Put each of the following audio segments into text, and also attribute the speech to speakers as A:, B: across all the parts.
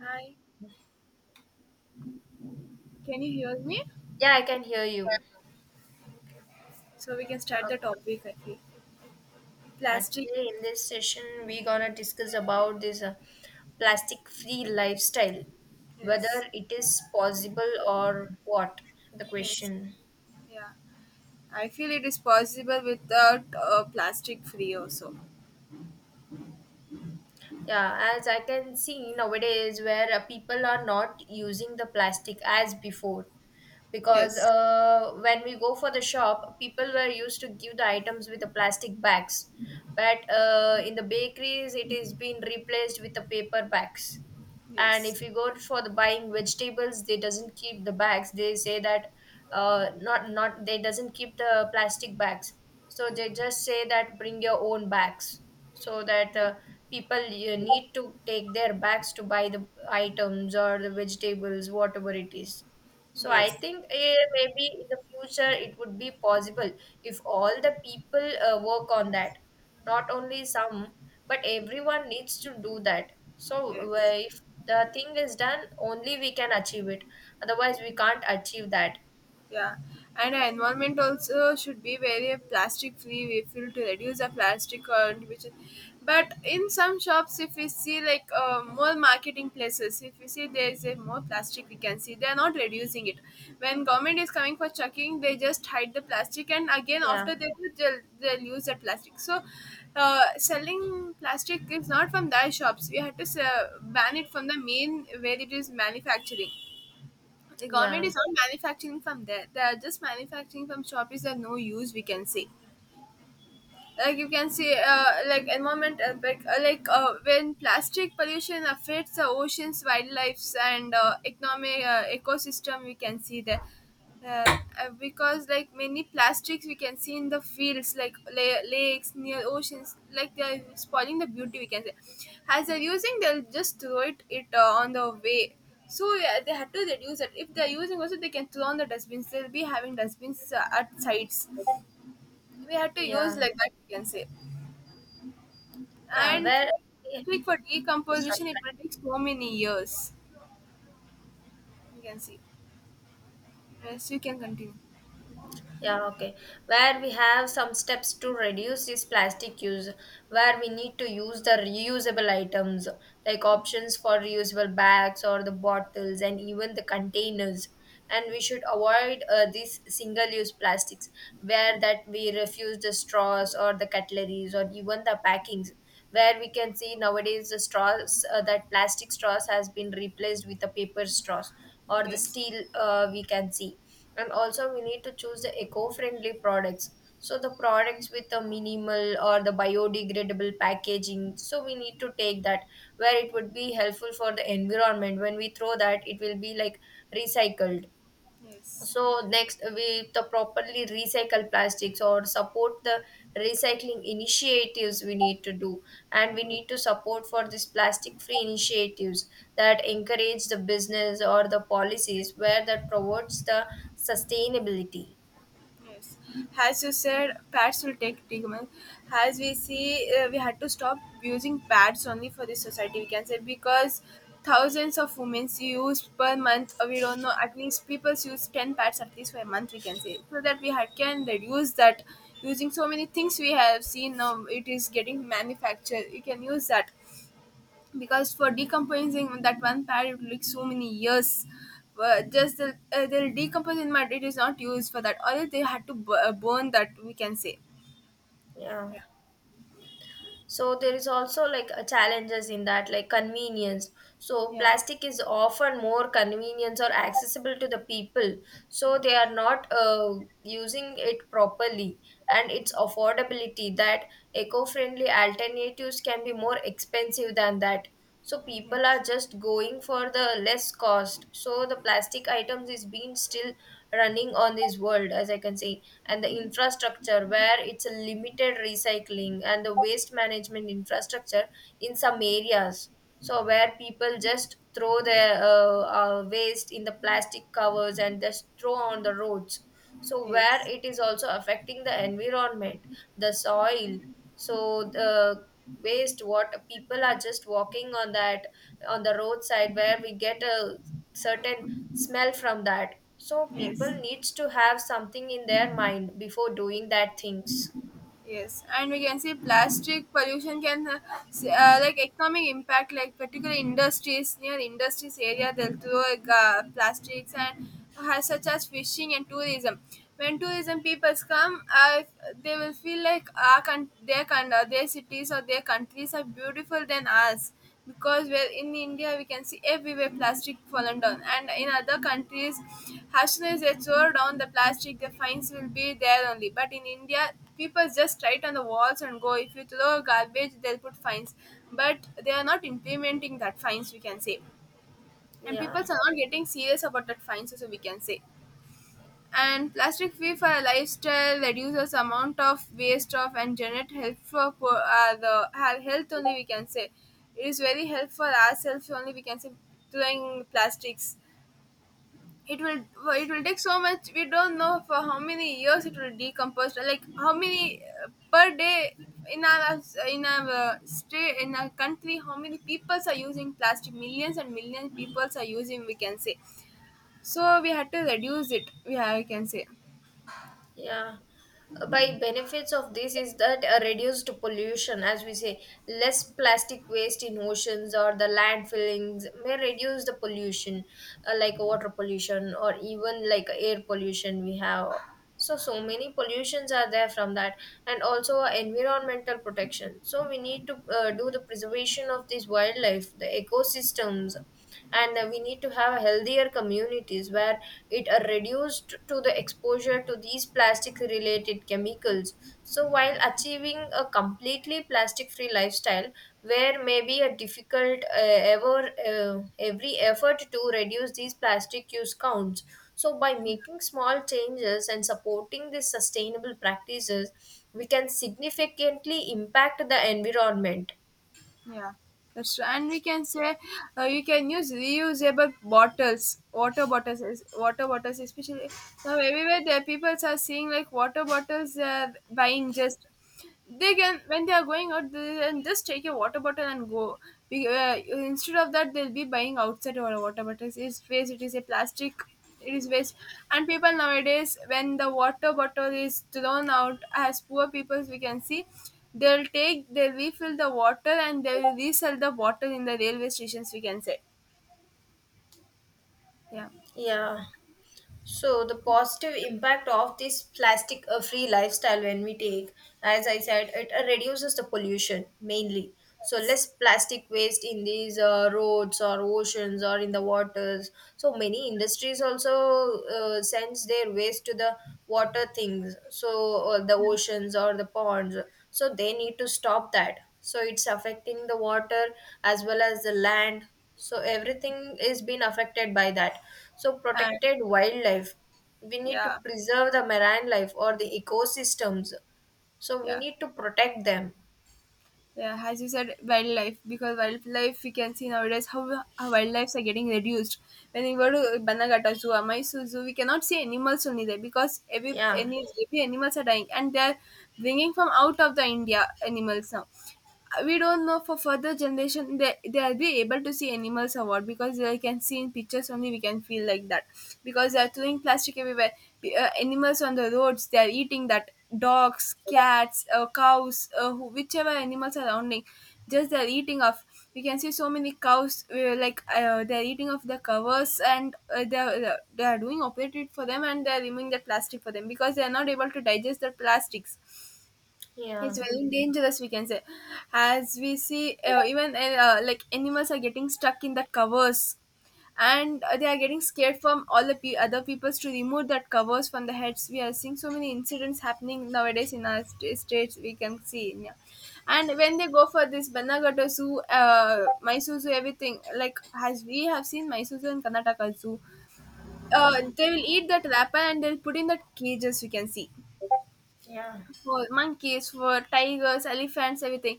A: Hi, can you hear me?
B: Yeah, I can hear you.
A: Yeah. So we can start the
B: Okay.
A: topic, I feel. Plastic,
B: Today in this session, we gonna discuss about this plastic-free lifestyle,
A: yes,
B: whether it is possible or what. The
A: yes,
B: question.
A: yeah. I feel it is possible without plastic free also.
B: Yeah, as I can see nowadays, where people are not using the plastic as before. Because
A: Yes,
B: when we go for the shop, people were used to give the items with the plastic bags. But in the bakeries, it is being replaced with the paper bags. And
A: yes,
B: if you go for the buying vegetables, they doesn't keep the bags. They say that not not they doesn't keep the plastic bags. So they just say that bring your own bags so that people need to take their bags to buy the items or the vegetables whatever it is. So I
A: yes,
B: think maybe in the future it would be possible if all the people work on that, not only some, but everyone needs to do that. So
A: yes.
B: if the thing is done only we can achieve it, otherwise we can't achieve that.
A: Yeah, and our environment also should be very plastic free. We feel to reduce the plastic contribution, but in some shops, if we see like more marketing places, if we see there is a more plastic, we can see they are not reducing it. When government is coming for checking, they just hide the plastic, and again
B: Yeah,
A: after they do, they'll use that plastic. So, selling plastic is not from their shops. We have to ban it from the main where it is manufacturing. The government
B: yeah,
A: is not manufacturing from there. They are just manufacturing from shops that are no use, we can say. Like you can see, like environment impact, when plastic pollution affects the oceans wildlife and economic ecosystem, we can see that, because like many plastics we can see in the fields like lakes near oceans, like they are spoiling the beauty, we can say. As they're using, they'll just throw it, it on the way. So yeah, they had to reduce it. If they're using also, they can throw on the dustbins. They'll be having dustbins at sites. We have to use
B: yeah,
A: like that, you can say.
B: yeah
A: And
B: where
A: for,
B: yes,
A: like for decomposition
B: sorry.
A: it will take so many years, you can see. Yes, you can continue.
B: Yeah, okay. Where we have some steps to reduce this plastic use, where we need to use the reusable items like options for reusable bags or the bottles and even the containers. And we should avoid these single use plastics, where that we refuse the straws or the cutleries or even the packings. Where we can see nowadays the straws that plastic straws has been replaced with the paper straws or the
A: Yes,
B: steel, we can see. And also we need to choose the eco-friendly products, so the products with the minimal or the biodegradable packaging, so we need to take that, where it would be helpful for the environment when we throw that it will be like recycled.
A: yes,
B: So next we the properly recycle plastics or support the recycling initiatives we need to do, and we
A: yes.
B: need to support for these plastic free initiatives that encourage the business or the policies where that promotes the sustainability.
A: Yes, as you said, pads will take treatment. As we see, we had to stop using pads only for this society. We can say, because thousands of women use per month. We don't know. At least people use 10 pads at least for a month. We can say, so that we had can reduce that. Using so many things we have seen now. It is getting manufactured. You can use that, because for decomposing that one pad it will take so many years. But just the, they'll decompose in mud. It is not used for that, or else they had to burn that, we can say.
B: Yeah,
A: Yeah,
B: so there is also like a challenges in that, like convenience. So
A: yeah,
B: plastic is often more convenience or accessible to the people, so they are not using it properly. And its affordability, that eco-friendly alternatives can be more expensive than that, so people are
A: yes,
B: just going for the less cost, so the plastic items is being still running on this world, as I can say. And the infrastructure, where it's a limited recycling and the waste management infrastructure in some areas. So where people just throw their waste in the plastic covers and just throw on the roads, so where
A: yes,
B: it is also affecting the environment, the
A: yeah.
B: soil. So the waste what people are just walking on, that on the roadside, where we get a certain smell from that. So people
A: Yes.
B: needs to have something in their mind before doing that things.
A: Yes, and we can see plastic pollution can, like economic impact, like particular industries, near industries area they'll throw like, plastics, and has such as fishing and tourism. When tourism peoples come, they will feel like our their cities or their countries are beautiful than us, because well in India we can see everywhere plastic fallen down, and in other countries, as soon as they throw down the plastic, the fines will be there only. But in India, people just write on the walls and go. If you throw garbage, they'll put fines, but they are not implementing that fines. We can say, and
B: Yeah.
A: people are not getting serious about that fines. So we can say. And plastic free for lifestyle reduces amount of waste of and generate help for health only, we can say. It is very helpful ourselves only, we can say. Doing plastics, it will, it will take so much. We don't know for how many years it will decompose, like how many per day. In our, in our state, in our country, how many peoples are using plastic, millions and millions peoples are using, we can say. So we had to reduce it, we have, we can say.
B: Yeah. By benefits of this is that a reduced pollution, as we say, less plastic waste in oceans or the landfillings may reduce the pollution, like water pollution or even like air pollution we have. So so many pollutions are there from that, and also environmental protection. So we need to do the preservation of this wildlife, the ecosystems. And we need to have healthier communities where it are reduced to the exposure to these plastic related chemicals. So while achieving a completely plastic free lifestyle, where maybe a difficult every effort to reduce these plastic use counts. So by making small changes and supporting these sustainable practices, we can significantly impact the environment.
A: Yeah, that's true. And we can say, you can use reusable bottles, water bottles, water bottles, especially now everywhere the people are seeing like water bottles they are buying. Just they can, when they are going out they can just take a water bottle and go. Instead of that they'll be buying outside or water bottles, it's waste, it is a plastic, it is waste. And people nowadays, when the water bottle is thrown out, as poor people we can see, they'll take, they'll refill the water and they'll resell the water in the railway stations, we can say. Yeah
B: Yeah. So the positive impact of this plastic free lifestyle when we take, as I said, it reduces the pollution mainly. So less plastic waste in these roads or oceans or in the waters. So many industries also sends their waste to the water things. So the oceans or the ponds. So they need to stop that. So it's affecting the water as well as the land, so everything is being affected by that. So
A: and
B: protected wildlife, we need to
A: yeah,
B: preserve the marine life or the ecosystems, so we
A: yeah.
B: need to protect them.
A: Yeah, as you said, wildlife. Because wildlife, we can see nowadays how wildlives are getting reduced. When we go to Banagata Zoo, Mysore Zoo, we cannot see animals only there, because every
B: Yeah,
A: any every animals are dying, and they are bringing from out of the India animals now. We don't know for further generation, they, they'll be able to see animals or what, because they can see in pictures only, we can feel like that, because they are throwing plastic everywhere. Animals on the roads, they are eating that. Dogs, cats, cows, who, whichever animals are surrounding, just they're eating off. We can see so many cows, they're eating off the covers, and uh, they're doing operated for them, and they're removing the plastic for them, because they're not able to digest the plastics.
B: yeah,
A: It's very dangerous, we can say. As we see, even like animals are getting stuck in the covers, and they are getting scared from all the other peoples to remove that covers from the heads. We are seeing so many incidents happening nowadays in our states, we can see. Yeah. And when they go for this Banagata Zoo, Mysore Zoo, everything, like as we have seen Mysore Zoo and Karnataka Zoo, they will eat that wrapper and they'll put in that cages, we can see,
B: yeah,
A: for monkeys, for tigers, elephants, everything.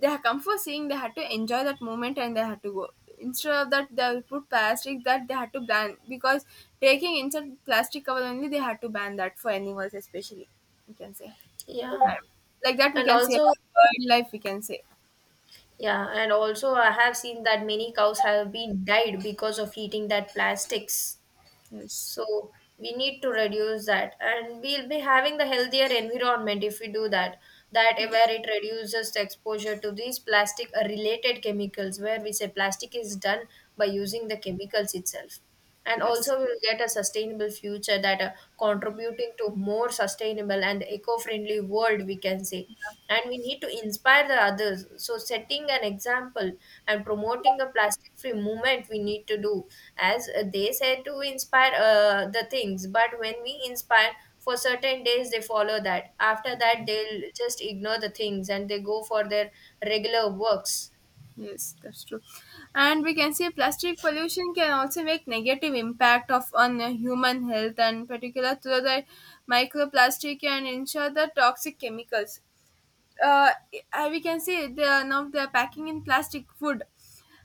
A: They have come for seeing, they had to enjoy that moment and they had to go. Instead of that, they will put plastic that they had to ban, because taking inside plastic cover only, they had to ban that for animals, especially. We can say
B: yeah,
A: like that, we
B: and
A: can say
B: also
A: about wildlife, we can say.
B: yeah, and also I have seen that many cows have been died because of eating that plastics.
A: Yes,
B: So we need to reduce that, and we'll be having the healthier environment if we do that. That
A: yes,
B: where it reduces the exposure to these plastic related chemicals, where we say plastic is done by using the chemicals itself. And
A: yes.
B: also, we'll get a sustainable future that are contributing to more sustainable and eco friendly world, we can say. And we need to inspire the others, so setting an example and promoting a plastic free movement we need to do. As they said to inspire the things, but when we inspire for certain days they follow that, after that they'll just ignore the things and they go for their regular works.
A: Yes, that's true. And we can see plastic pollution can also make negative impact of on human health, and particular to the microplastic and ensure the toxic chemicals. Uh, we can see the are now they are packing in plastic food.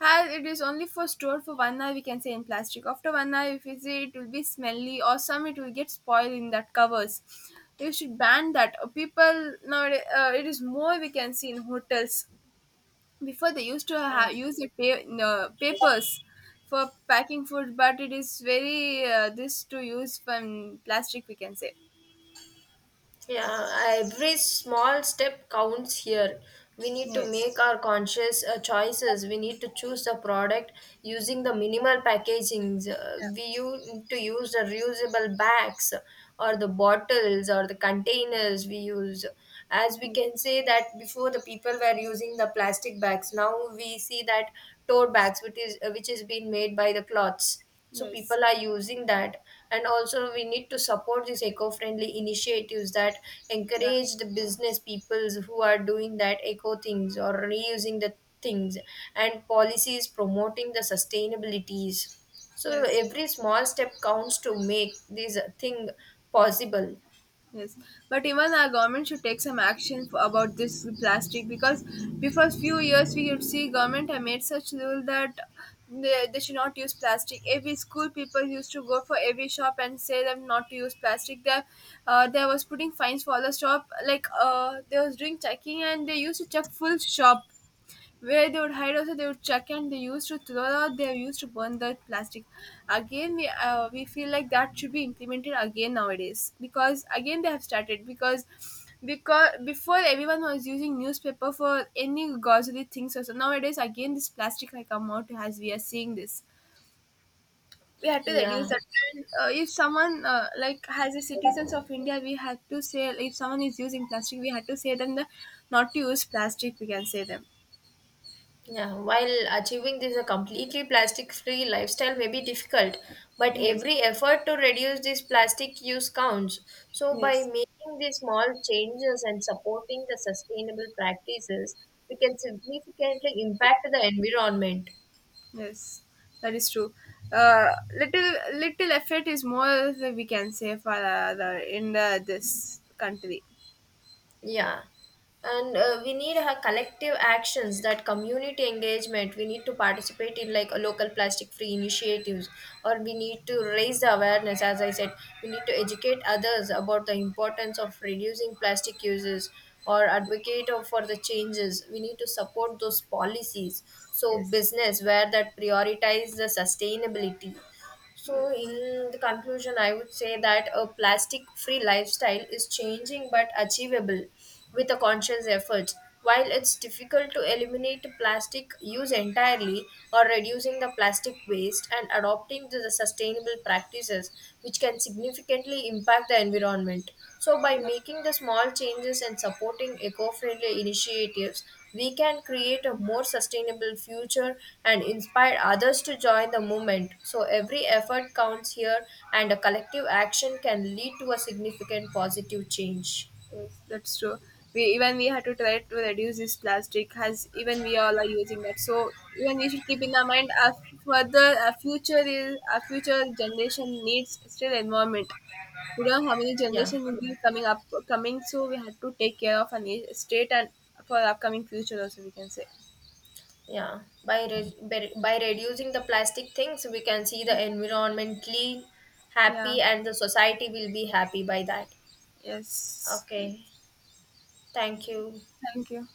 A: As it is only for stored for 1 hour, we can say in plastic. After 1 hour, if you see it will be smelly or some, it will get spoiled in that covers. You should ban that. People now, it is more we can see in hotels. Before they used to
B: Uh.
A: use the no, papers, for packing food, but it is very this to use from plastic, we can say.
B: Yeah, every small step counts here. We need to
A: Yes,
B: make our conscious choices. We need to choose the product using the minimal packagings. To use the reusable bags or the bottles or the containers we use. As we can
A: yes,
B: say that before the people were using the plastic bags. Now we see that tote bags, which is which is being made by the cloths, so
A: yes,
B: people are using that. And also we need to support these eco-friendly initiatives that
A: yeah,
B: encourage the business peoples who are doing that eco things or reusing the things, and policies promoting the sustainabilities. So
A: yes.
B: every small step counts to make this thing possible.
A: Yes, but even our government should take some action for, about this plastic, because before few years we could see government have made such rule that they should not use plastic. Every school people used to go for every shop and say them not to use plastic. There, there was putting fines for the shop. Like they was doing checking and they used to check full shop, where they would hide also, they would chuck, and they used to throw out, they used to burn the plastic. Again we feel like that should be implemented again nowadays, because again they have started, because before everyone was using newspaper for any grocery things also, nowadays again this plastic like come out, as we are seeing this we had to reduce
B: Yeah.
A: that. And, if someone, like as a citizens of India, we had to say if someone is using plastic we had to say them the not to use plastic, we can say them.
B: Yeah, while achieving this a completely plastic-free lifestyle may be difficult, but
A: Yes,
B: every effort to reduce this plastic use counts. So by
A: yes.
B: making these small changes and supporting the sustainable practices, we can significantly impact the environment.
A: Yes, that is true. Uh, Little little effort is more, that we can say for the in the, this country.
B: Yeah. And we need a collective actions, that community engagement. We need to participate in like a local plastic free initiatives, or we need to raise the awareness. As I said, we need to educate others about the importance of reducing plastic uses or advocate for the changes. We need to support those policies. So
A: Yes,
B: business where that prioritize the sustainability. So,
A: yes,
B: in the conclusion, I would say that a plastic free lifestyle is changing but achievable with a conscious effort. While it's difficult to eliminate plastic use entirely or reducing the plastic waste and adopting to the sustainable practices, which can significantly impact the environment. So, by
A: yeah,
B: making the small changes and supporting eco friendly initiatives, we can create a more sustainable future and inspire others to join the movement. So, every effort counts here, and a collective action can lead to a significant positive change.
A: yes, that's true. We even we had to try to reduce this plastic, as even we all are using that. So even we should keep in our mind our further, our future is, our future generation needs still environment. We don't know how many
B: Yeah,
A: generation will be coming up coming, so we had to take care of our state and for our upcoming future also, we can say.
B: yeah. By, re- by reducing the plastic things, we can see the environment clean,
A: Yeah.
B: happy, and the society will be happy by that.
A: Yes.
B: Okay, thank you.
A: Thank you.